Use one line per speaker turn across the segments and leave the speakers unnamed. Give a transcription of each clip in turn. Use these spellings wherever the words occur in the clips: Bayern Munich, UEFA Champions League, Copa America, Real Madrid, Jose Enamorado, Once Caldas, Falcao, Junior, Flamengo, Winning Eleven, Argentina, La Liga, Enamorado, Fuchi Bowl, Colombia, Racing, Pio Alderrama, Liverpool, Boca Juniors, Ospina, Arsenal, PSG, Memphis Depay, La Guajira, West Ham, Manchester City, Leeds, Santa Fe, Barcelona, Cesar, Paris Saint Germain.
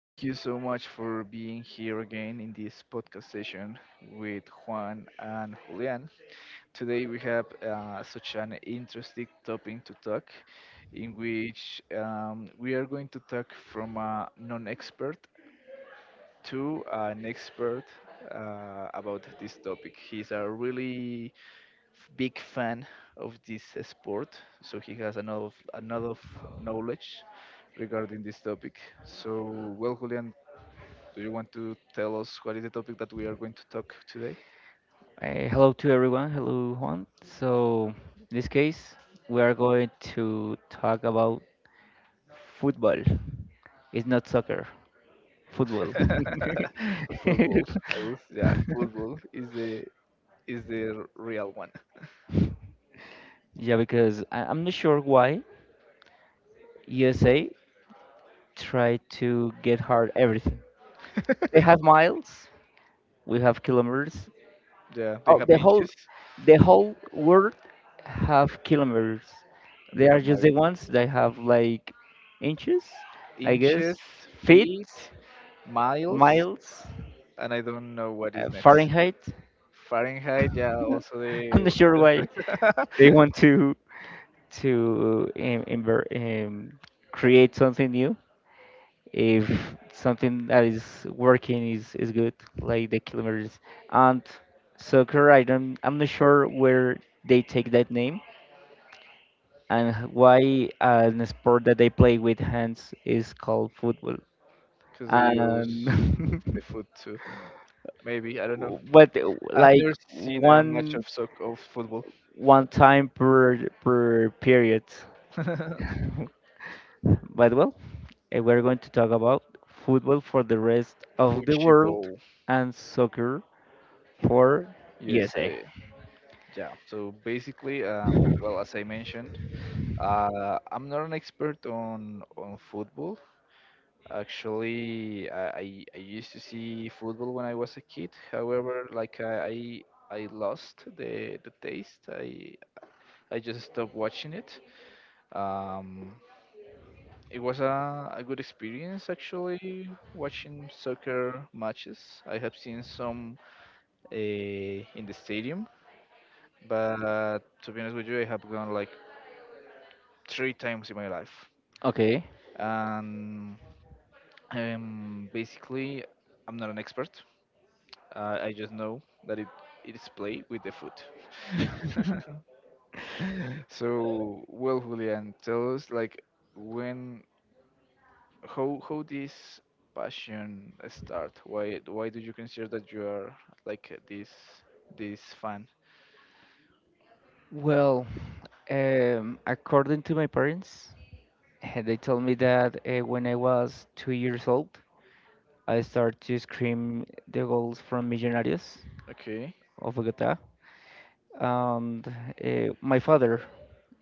Thank you so much for being here again in this podcast session with Juan and Julian. Today we have such an interesting topic to talk, in which we are going to talk from a non-expert to an expert about this topic. He's a really big fan of this sport, so he has another knowledge regarding this topic. So, well, Julian, do you want to tell us what is the topic that we are going to talk today?
Hello to everyone. Hello, Juan. So, in this case, we are going to talk about football. It's not soccer, football.
Football. I was Yeah, football is the real one.
Yeah, because I'm not sure why USA try to get hard everything. They have miles, we have kilometers.
Yeah, they
Oh,
have inches
the whole world have kilometers.
and they
They are
have
just
miles.
the ones that have like inches, I
Inches,
guess, feet,
feet, miles,
miles,
and I don't know what is next.
Fahrenheit.
Fahrenheit, yeah, also
I'm not
the
sure why they
temperature.
want to create something new if something that is working is good, like the kilometers. And soccer, I'm not sure where they take that name and why an sport that they play with hands is called football.
Because they use
And
the foot too. Maybe, I don't know.
but
I've
like
never seen a match
one
of football.
one time per period.
Fuchi
But well, we're going to talk about football for the rest of the world
Bowl,
and soccer for USA.
USA. Yeah, so basically, well, as I mentioned, I'm not an expert on football. Actually, I used to see football when I was a kid. However, like I lost the taste. I just stopped watching it. Um, it was a good experience actually watching soccer matches. I have seen some in the stadium, but to be honest with you, I have gone like three times in my life.
Okay.
And basically, I'm not an expert. I just know that it is play with the foot. So, well, Julian, tell us like when, how this passion start? Why do you consider that you are like this fan?
Well, according to my parents, they told me that when I was two years old, I start to scream the goals from Millonarios
Okay,
of Bogota. And my father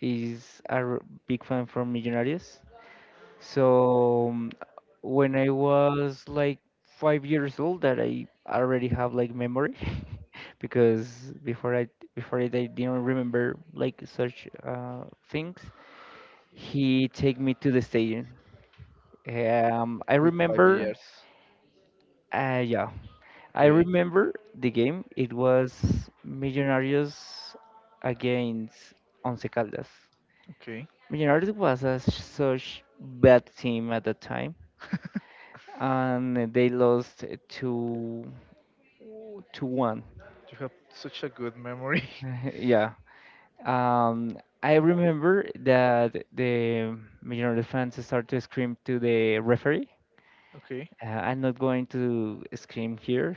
is a big fan from Millonarios. So when I was like five years old, that I already have like memory, because before I before it I didn't remember like such things. He take me to the stadium. I
with five
remember.
years.
Yeah, I
Okay,
remember the game. It was Millonarios against Once Caldas.
okay.
Millonarios was a such bad team at the time, and they lost to to one.
You have such a good memory.
Yeah. I remember that the Millonarios fans started to scream to the referee.
Okay,
I'm not going to scream here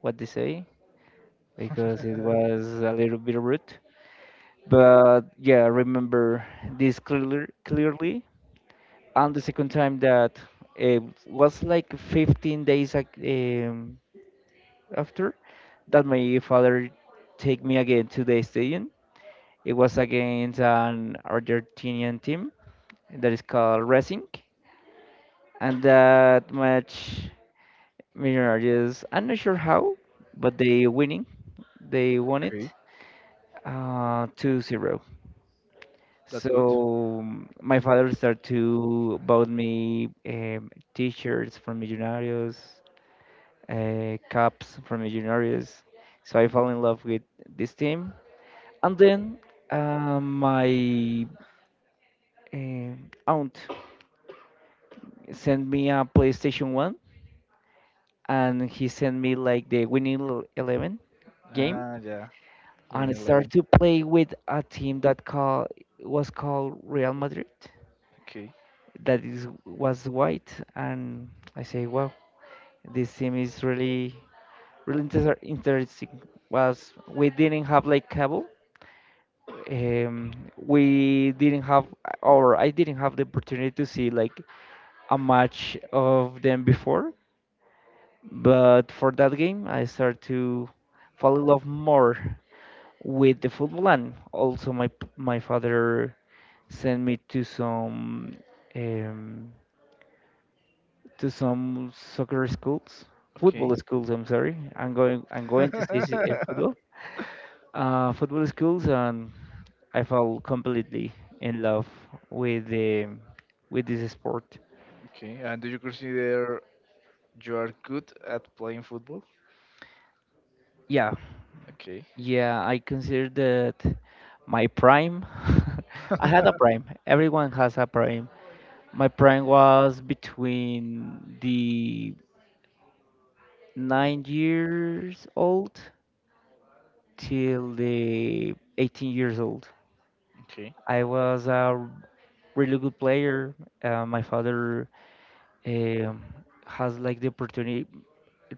what they say because it was a little bit rude. But yeah, I remember this clearly. Clearly, and the second time that it was like 15 days ac- um, after that, my father take me again to the stadium. It was against an Argentinian team that is called Racing, and that match, Millonarios. I'm not sure how, but they winning. They won it
okay.
2-0.
That's good.
So my father started to bought me t-shirts from Millonarios, caps from Millonarios. So I fell in love with this team. And then my aunt sent me a PlayStation 1 and he sent me like the Winning Eleven game,
Ah, yeah,
and I
within
started
11.
to play with a team that was called Real Madrid
Okay,
that is was white, and I say wow, this team is really really interesting. Was we didn't have like cable. We didn't have, or I didn't have the opportunity to see like a match of them before. But for that game, I started to fall in love more with the football, and also my my father sent me um, to some soccer schools,
okay.
football schools. I'm sorry. I'm going to say football schools, and I fell completely in love with the with this sport.
Okay, and do you consider you are good at playing football?
Yeah,
Okay,
yeah, I consider that my prime. I had a prime. Everyone has a prime. My prime was between the nine years old till the 18 years old.
okay.
I was a really good player. My father um, has like the opportunity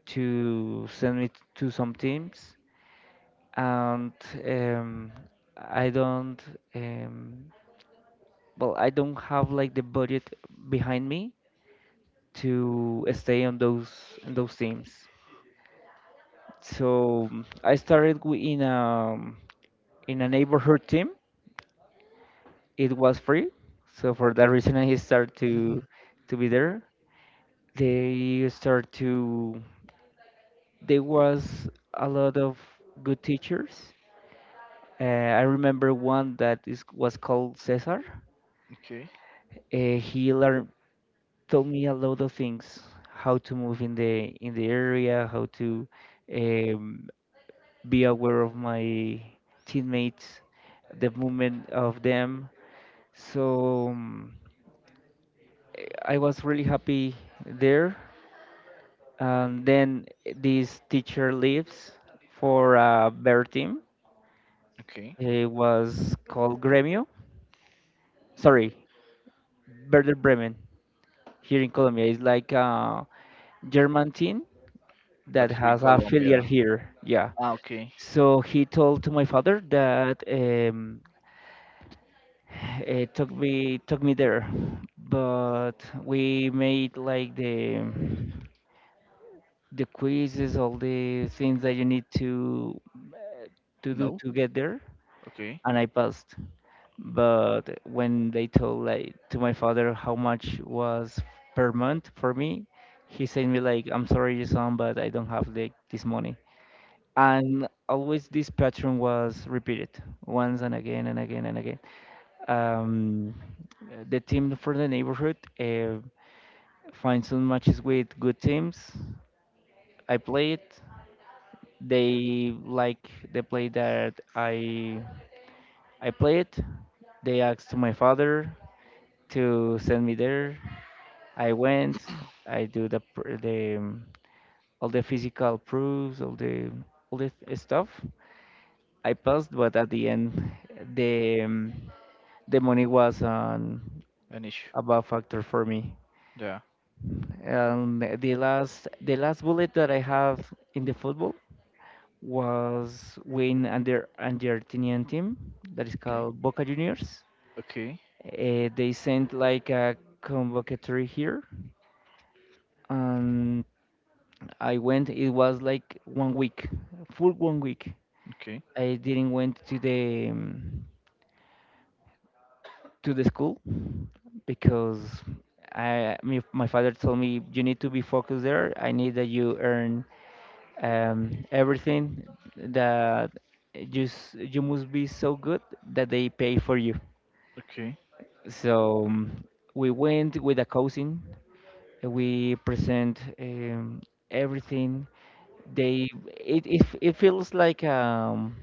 to send me to some teams and um, I don't um, I don't have like the budget behind me to stay on those teams. So I started in a neighborhood team. It was free, so for that reason I started to
Mhm.
to be there. They start to there was a lot of good teachers. Uh, I remember one was called Cesar.
Okay,
He learned told me a lot of things, how to move in the area, how to um, be aware of my teammates, the movement of them. So I was really happy there. And then this teacher leaves for a better team.
okay.
It was called Gremio. Sorry, Werder Bremen, here in Colombia. It's like a German team
But
that
here in
has a filial
Colombia.
here. Yeah.
Ah, okay.
So he told to my father that it took me there, but we made like the quizzes, all the things that you need to eh, to do
No?
to get there,
Okay.
and I passed. But when they told like to my father how much was per month for me, he sent me like, "I'm sorry, your son, but I don't have like this money." And always this pattern was repeated once, and again, and again, and again. um, the team for the neighborhood find some matches with good teams. I play it they like the play that I played. They asked to my father to send me there. I went. I do the pr- the all the physical proofs, all the stuff. I passed, but at the end, the um, the money was on
An issue.
a bad factor for me.
Yeah.
And the last bullet that I have in the football was win under under Argentinian team that is
Okay,
called Boca Juniors.
okay,
They sent like a convocatory here, and I went. It was like one week, full one week.
okay,
I didn't went to the school because my father told me, "You need to be focused there. I need that you earn everything that you must be so good that they pay for you."
okay.
So we went with a cousin. We present everything. They it feels like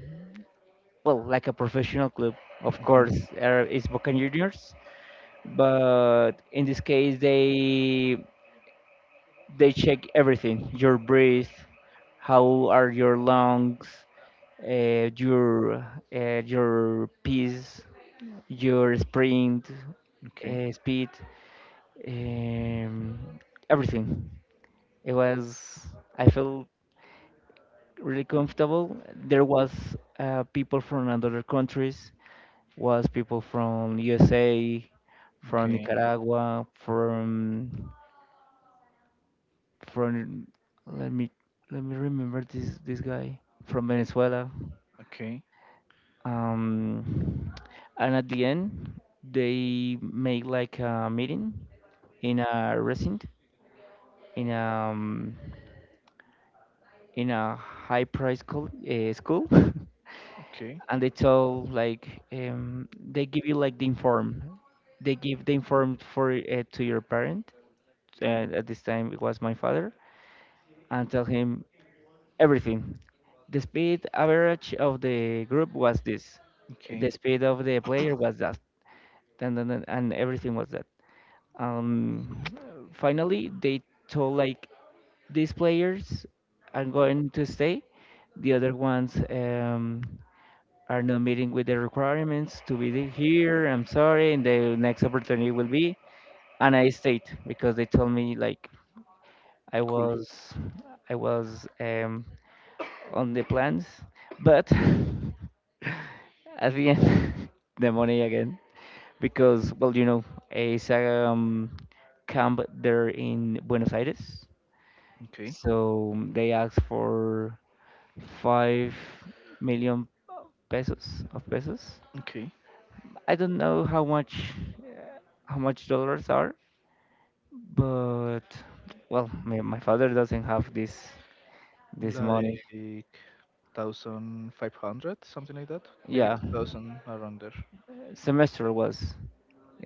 well, like a professional club. Of
Hmm.
course, it's Boca Juniors, but in this case they check everything: your breath, how are your lungs, uh, your your pace, your sprint,
Okay,
speed, um, everything. It was I felt really comfortable. There was people from other countries, was people from USA, from
okay,
Nicaragua, from let me let me remember this guy from Venezuela.
okay,
Um, and at the end, they make like a meeting in a resident in a high price school, school.
okay,
And they tell like they give you like the inform, they give the inform for to your parent, and at this time it was my father, and tell him everything. The speed average of the group was this, the
okay.
speed of the player was that, and, and everything was that. um Finally they told like these players are going to stay, the other ones are not meeting with the requirements to be here. I'm sorry, and the next opportunity will be. And I stayed because they told me like I
Cool.
was, I was on the plans, but at the end, the money again, because well, you know, it's a camp there in Buenos Aires,
Okay,
so they asked for 5 million pesos, of pesos.
okay.
I don't know how much dollars are, but well, my father doesn't have this this
Like
money.
1,500, something like that. Maybe
Yeah,
2,000 around there
semester was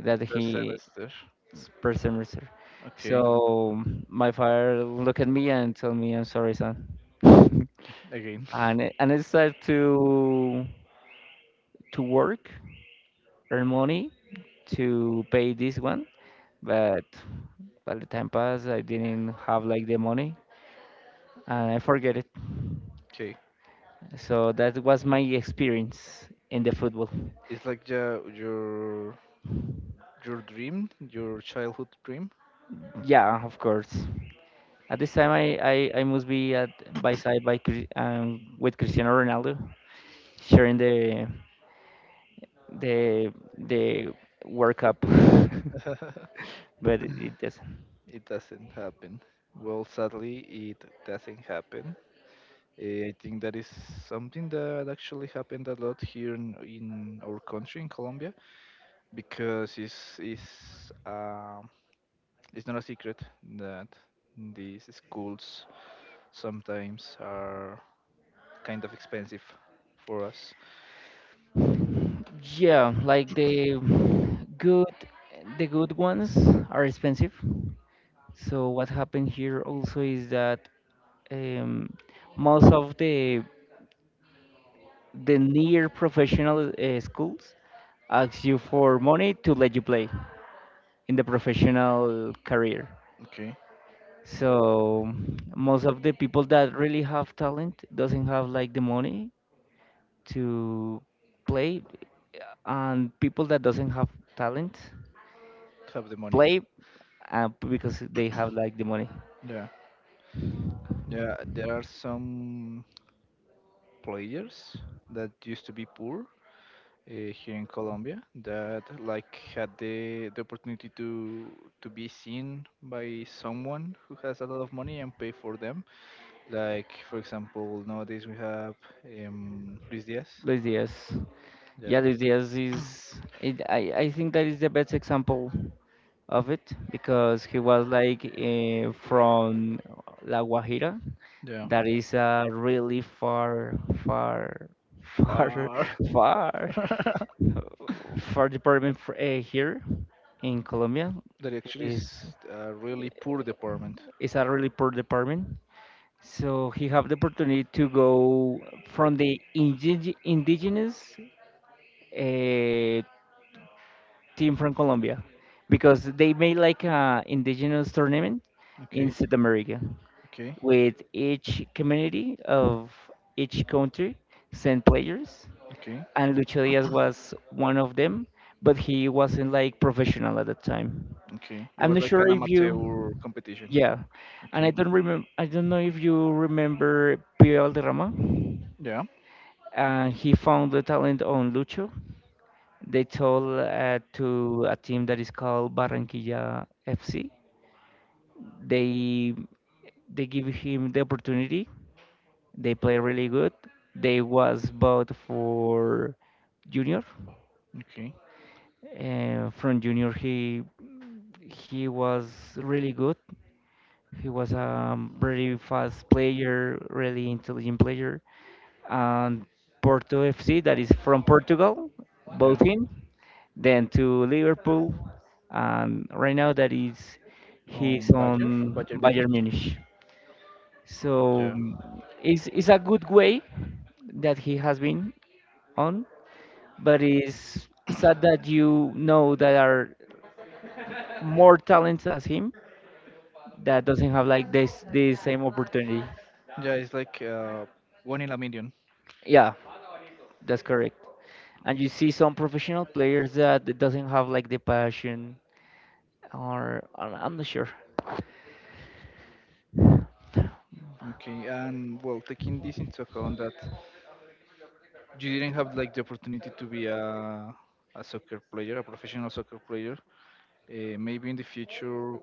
that
per semester.
per semester.
Okay,
So my father look at me and tell me, "I'm sorry, son," and
again.
and I started to work, earn money to pay this one, but by the time passed, I didn't have like the money, and I forget it.
Okay,
So that was my experience in the football.
it's like your dream, your childhood dream.
Yeah, of course. At this time, I must be at by side by with Cristiano Ronaldo, sharing the the World Cup. But it doesn't.
It doesn't happen. Well, sadly, it doesn't happen. Eh, I think that is something that actually happened a lot here in our country, in Colombia, because it's not a secret that these schools sometimes are kind of expensive for us.
Yeah, like good the good ones are expensive. So what happened here also is that um, most of the near professional schools ask you for money to let you play in the professional career,
Okay,
so most of the people that really have talent doesn't have like the money to play, and people that doesn't have talent
have the money.
play because they have like the money.
Yeah, yeah. There are some players that used to be poor here in Colombia that like had the opportunity to be seen by someone who has a lot of money and pay for them. Like for example, nowadays we have Luis Diaz.
Luis Diaz.
Yeah,
Yeah, Luis Diaz is. It, I think that is the best example of it, because he was like from La Guajira,
yeah.
that is a really far, far, far,
Far.
far, far department for, here in Colombia.
That actually
It
is
is
a really poor department.
it's a really poor department. So he have the opportunity to go from indigenous a team from Colombia, because they made like a indigenous tournament in
Okay,
South America,
okay,
with each community of each country sent players,
okay,
and Lucho Diaz was one of them, but he wasn't like professional at that time.
okay. It
I'm
was
not
like
sure
an
if you
amateur competition.
yeah and I
Okay,
don't remember I don't know if you remember Pio Alderrama,
yeah,
and he found the talent on Lucho. They told to a team that is called Barranquilla FC. They they give him the opportunity. They play really good. They was bought for junior.
okay,
From junior, he was really good. He was a very fast player, really intelligent player. And Porto FC, that is from Portugal,
yeah.
both in. Then to Liverpool, and right now that is he's
Um, Bayern,
on
Bayern
Bayern
Munich.
Munich. So
Yeah,
mm, it's a good way that he has been on, but it's sad that you know that are more talented as him that doesn't have like this the same opportunity.
yeah. It's like one in a million.
Yeah, that's correct. And you see some professional players that doesn't have like the passion or I'm not sure.
Okay, and well, taking this into account that you didn't have like the opportunity to be a soccer player, a professional soccer player, maybe in the future,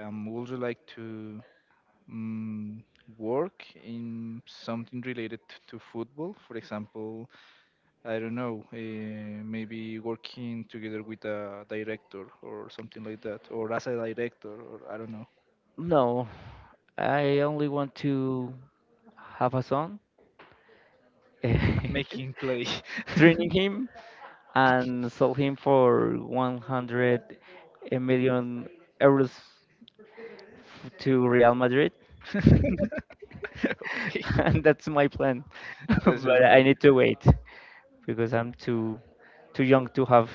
would you like to um, work in something related to football? For example, I don't know, maybe working together with a director or something like that, or as a director, or I don't know,
No, I only want to have a son,
and making play.
training him and sell him for 100 million euros to Real Madrid.
Okay,
And that's my plan.
that's your
But I
plan.
need to wait because I'm too young to have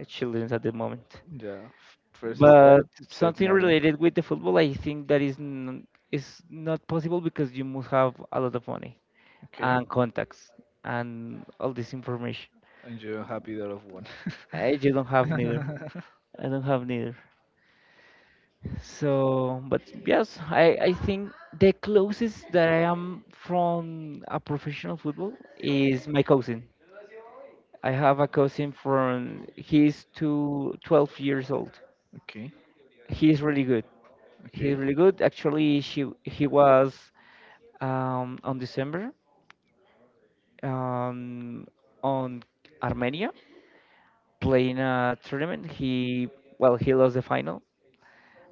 children at the moment.
Yeah, first
But
step, save
something
money.
related with the football, I think that is not possible because you must have a lot of money
Okay,
and contacts and all this information.
and you're happy that of one.
I just don't have neither. I don't have neither. So, but yes, I think the closest that I am from a professional football is my cousin. I have a cousin from 12 years old.
Okay.
He's really good. He's
Okay.
really good. Actually, she he was on December, um, on Armenia playing a tournament. He, well, he lost the final,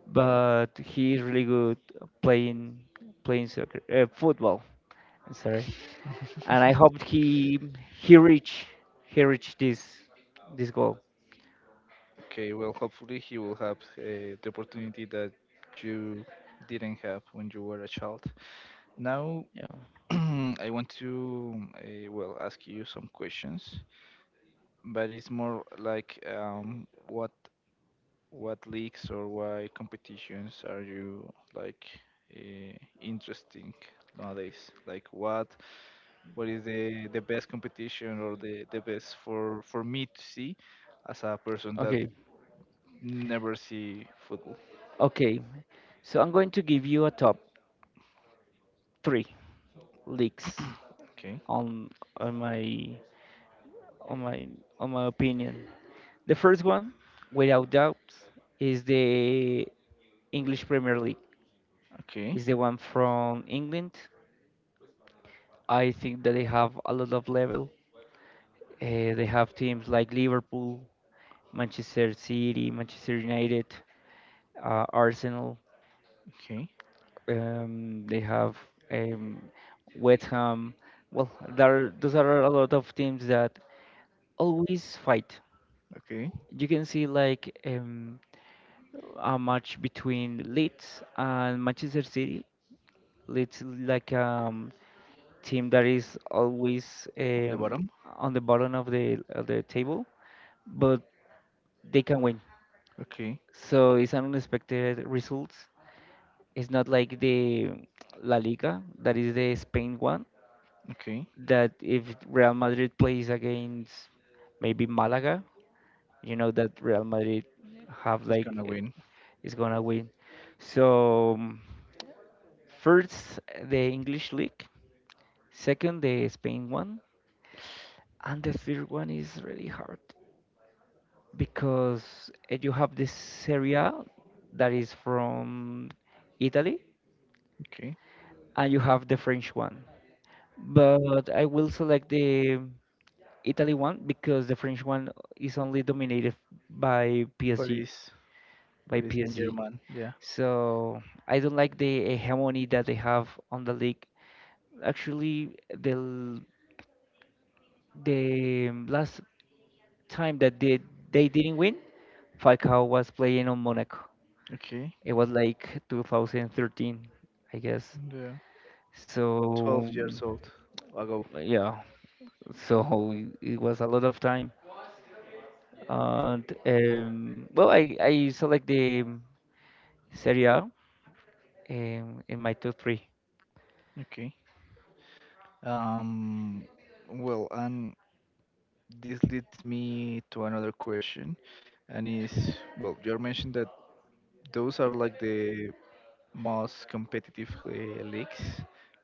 but he is really good playing playing soccer, football. I'm sorry, and I hope he he reach he reach this goal.
Okay. Well, hopefully he will have the opportunity that you didn't have when you were a child. Now,
Yeah.
I want to well ask you some questions, but it's more like what leagues or why competitions are you like uh, interesting nowadays? Like what is the best competition or the best for me to see as a person that
Okay.
never see football.
Okay, so I'm going to give you a top three leagues
Okay.
on on my on my on my opinion. The first one, without doubt, is the English Premier League.
Okay.
Is the one from England. I think that they have a lot of level. They have teams like Liverpool, Manchester City, Manchester United, Arsenal.
Okay.
They have um, West Ham. Well, there those are a lot of teams that always fight.
Okay.
You can see like a match between Leeds and Manchester City. Leeds is like team that is always
On the bottom.
on the bottom of the table, but they can win.
Okay.
So it's an unexpected result. It's not like the La Liga, that is the Spain one,
Okay.
that if Real Madrid plays against maybe Malaga, you know that Real Madrid have
It's
like
gonna win.
is gonna win. So. um, First, the English league, second, the Spain one, and the third one is really hard because you have this Serie A that is from Italy,
Okay.
and you have the French one. But I will select the Italy one because the French one is only dominated by PSG,
Paris.
by
Paris Saint
PSG.
Germain. Yeah.
So I don't like the hegemony that they have on the league. Actually, the last time that they didn't win, Falcao was playing on Monaco.
Okay.
It was like 2013, I guess.
Yeah.
So
12 years
um,
old ago.
yeah, so it was a lot of time. And well, I select the Serie A in my top three.
Okay. Um. Well, and this leads me to another question, and is well, you mentioned that those are like the most competitive leagues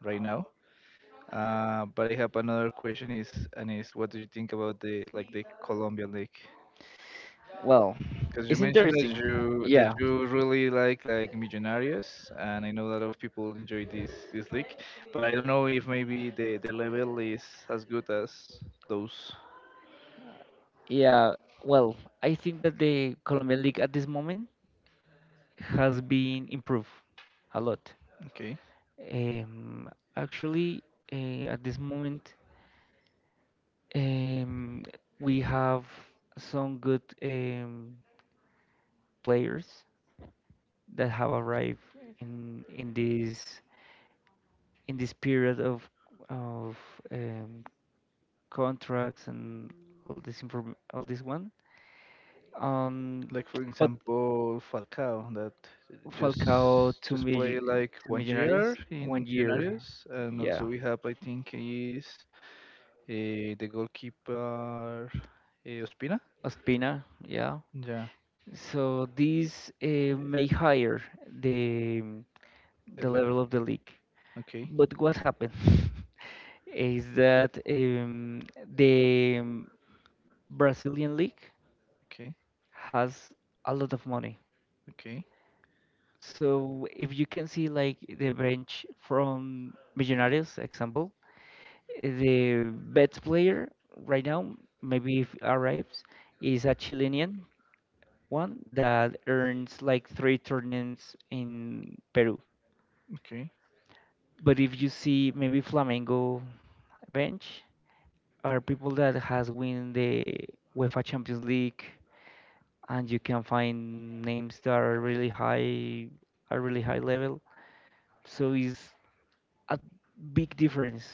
right now. But I have another question is and is what do you think about the like the Colombian league?
Well,
Because you
it's
mentioned that
interesting.
you that
Yeah,
you really like Millonarios, and I know a lot of people enjoy this league, but I don't know if maybe the level is as good as those.
yeah. Well, I think that the Colombian league at this moment has been improved a lot.
Okay,
Um, actually, at this moment, um, we have some good players that have arrived in this in this period of um, contracts and all this one. Um,
like for
but
example Falcao that
Falcao
just just play like
two
one
millionaires
year in
one year,
Millonarios, and also
yeah.
we have I think is the goalkeeper, Ospina?
Ospina, yeah.
Yeah,
So these may higher the
the
the
level.
level of the league.
Okay,
But what happened is that the Brazilian league
okay,
has a lot of money.
okay,
So if you can see like the bench from Millonarios example, the best player right now, maybe if arrives, is a Chilean one that earns like three tournaments in Peru.
okay.
But if you see maybe Flamengo bench are people that has win the UEFA Champions League and you can find names that are really high level. So it's a big difference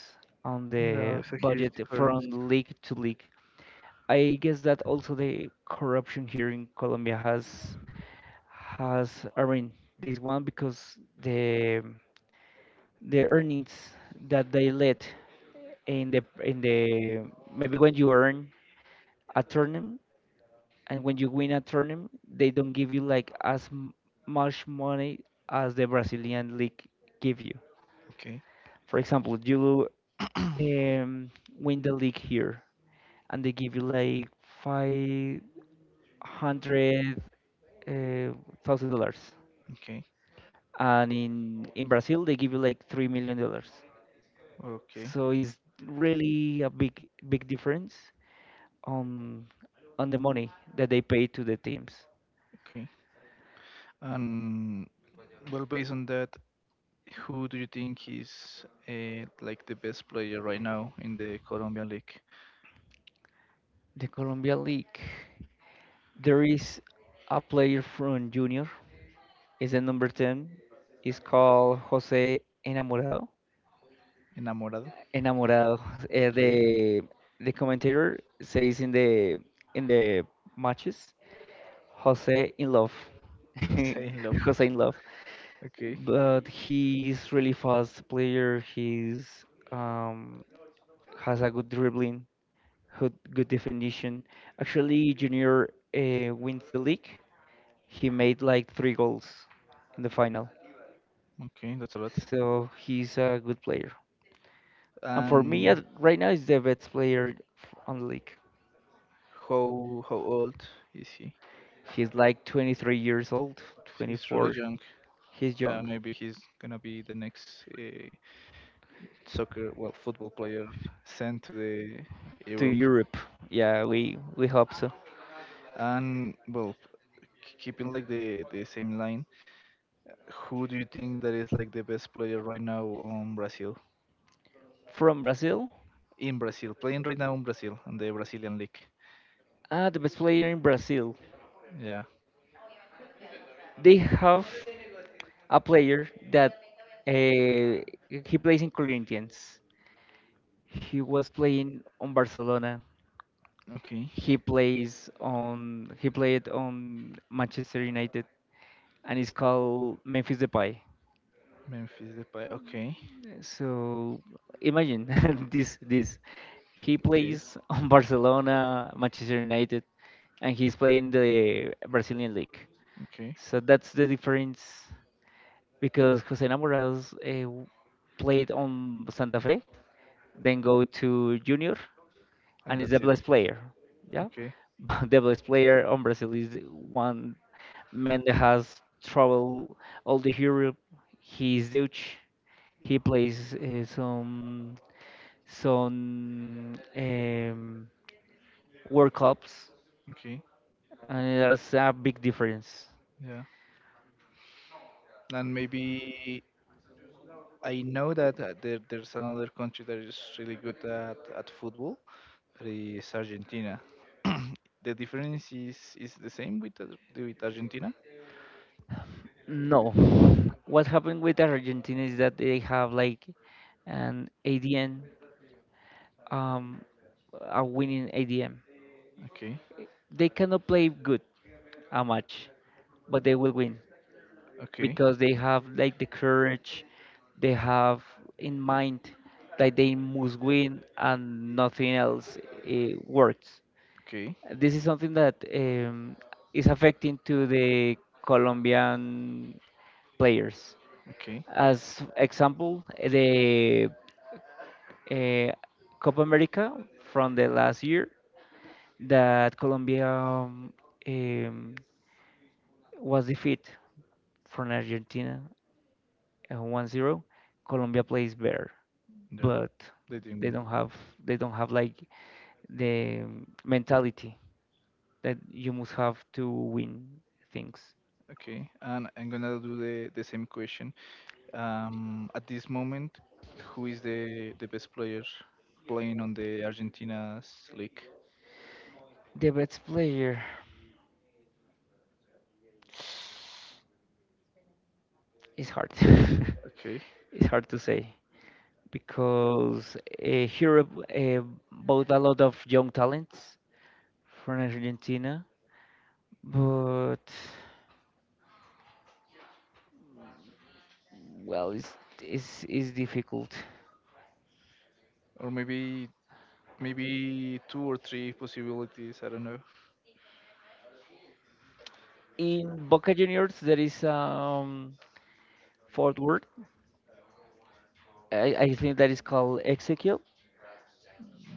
on
Yeah,
the
it's a huge
budget
difference.
from league to league. I guess that also the corruption here in Colombia has has I mean this one because the earnings that they let in the maybe when you earn a tournament and when you win a tournament they don't give you like much money as the Brazilian league give you.
Okay,
For example, you um, win the league here and they give you like 500 thousand dollars,
okay,
and in Brazil they give you like $3 million.
okay,
So it's really a big difference on on the money that they pay to the teams.
okay. And well, based on that, who do you think is like the best player right now in the Colombian league?
The Colombia League, there is a player from Junior, is the number 10, is called Jose Enamorado.
Enamorado.
Enamorado. Uh,
Okay.
the the commentator says in the matches, Jose in love.
Jose in love.
Jose in love.
Okay,
But he's really fast player. He's um, has a good dribbling. Good, good definition. Actually, Junior wins the league. He made like three goals in the final,
okay, that's a lot.
so he's a good player. And for me,
And
at, right now, he's the best player on the league.
how old is he?
He's like 23 years old,
He's really
24.
young.
He's
Yeah,
young.
maybe he's gonna be the next soccer, well, football player sent to the
To
Europe.
Europe, yeah, we hope so.
And well, keeping like the same line, who do you think that is like the best player right now on Brazil?
From Brazil,
In Brazil, playing right now in Brazil on the Brazilian league.
ah, the best player in Brazil.
Yeah.
They have a player that uh, he plays in Corinthians. He was playing on Barcelona.
Okay.
He played on Manchester United and it's called Memphis Depay.
Memphis Depay. Okay.
So imagine this. He
Okay.
plays on Barcelona, Manchester United, and he's playing the Brazilian league.
Okay.
So that's the difference because Jose Namorados played on Santa Fe, then go to Junior,
And
and it's the
that's it.
best player. Yeah,
Okay.
but the best player on Brazil is the one man that has traveled all the Europe. He is Dutch. He plays some World Cups,
Okay.
and there's a big difference.
Yeah. And maybe I know that there's another country that is really good at football. That is Argentina. The difference is the same with with Argentina.
No, what happened with Argentina is that they have like an ADM, um, a winning ADM.
Okay,
They cannot play good a match, but they will win,
okay,
because they have like the courage, they have in mind that they must win and nothing else works.
okay,
This is something that is affecting to the Colombian players.
okay.
As example, the uh, Copa America from the last year that Colombia um, was defeated from Argentina, 1-0. Colombia plays better,
No,
but
they didn't
they
win.
don't have they don't have like the mentality that you must have to win things.
Okay, and I'm gonna do the same question. At this moment, who is the best player playing on the Argentina's league?
The best player is hard.
Okay,
It's hard to say because Europe uh, bought a lot of young talents from Argentina, but well, it's difficult.
or maybe two or three possibilities. I don't know.
In Boca Juniors, there is forward. I think that is called Ezequiel.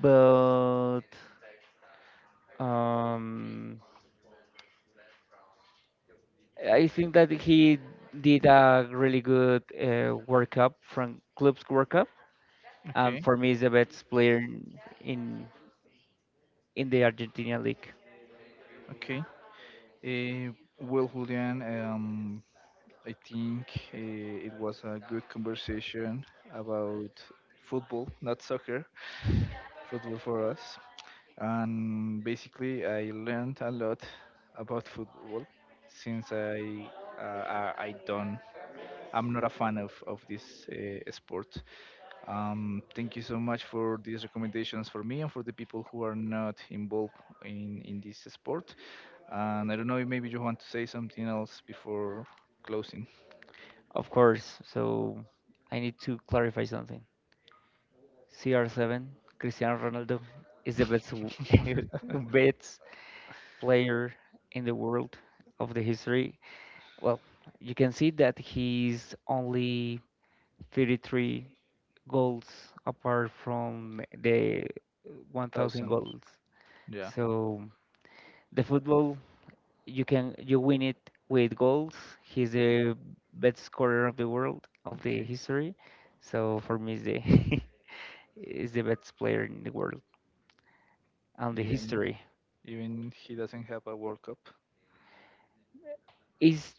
But um, I think that he did a really good World Cup from club's World Cup, and
Okay.
for me, is the best player in in the Argentina league,
Okay. Uh, well, Julian, I think it was a good conversation about football, not soccer, football for us. And basically, I learned a lot about football since uh, I I don't I'm not a fan of this sport. Thank you so much for these recommendations for me and for the people who are not involved in this sport. And I don't know if maybe you want to say something else before closing.
of course. So I need to clarify something. CR7, Cristiano Ronaldo is the best player in the world of the history. Well, you can see that he's only 33 goals apart from the 1,000
Thousand.
goals,
Yeah.
so the football you can you win it with goals. He's the best scorer of the world of the
Okay.
history, so for me is the is the best player in the world and the
Even
history.
even he doesn't have a World Cup.
Is,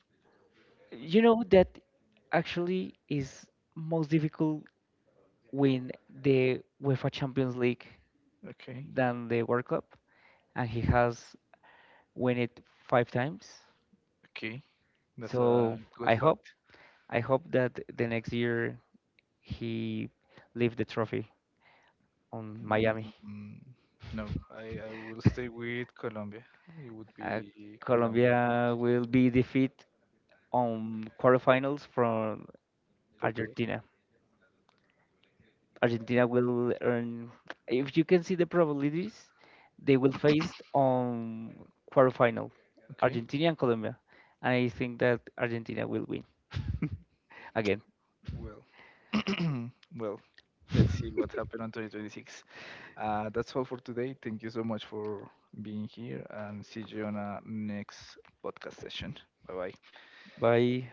you know that actually is most difficult win the UEFA Champions League
Okay.
than the World Cup, and he has won it 5 times.
Okay. That's
So
a good
I hope
fact.
I hope that the next year he leave the trophy on Miami.
Mm, no, I will stay with Colombia. It would
Uh,
be Colombia,
Colombia will be defeat on quarterfinals from
Portugal.
Argentina. Argentina will earn. If you can see the probabilities, they will face on quarterfinal,
Okay,
Argentina and Colombia, and I think that Argentina will win again.
well, well, let's see what happened on 2026. That's all for today. Thank you so much for being here and see you on our next podcast session. Bye bye.
Bye.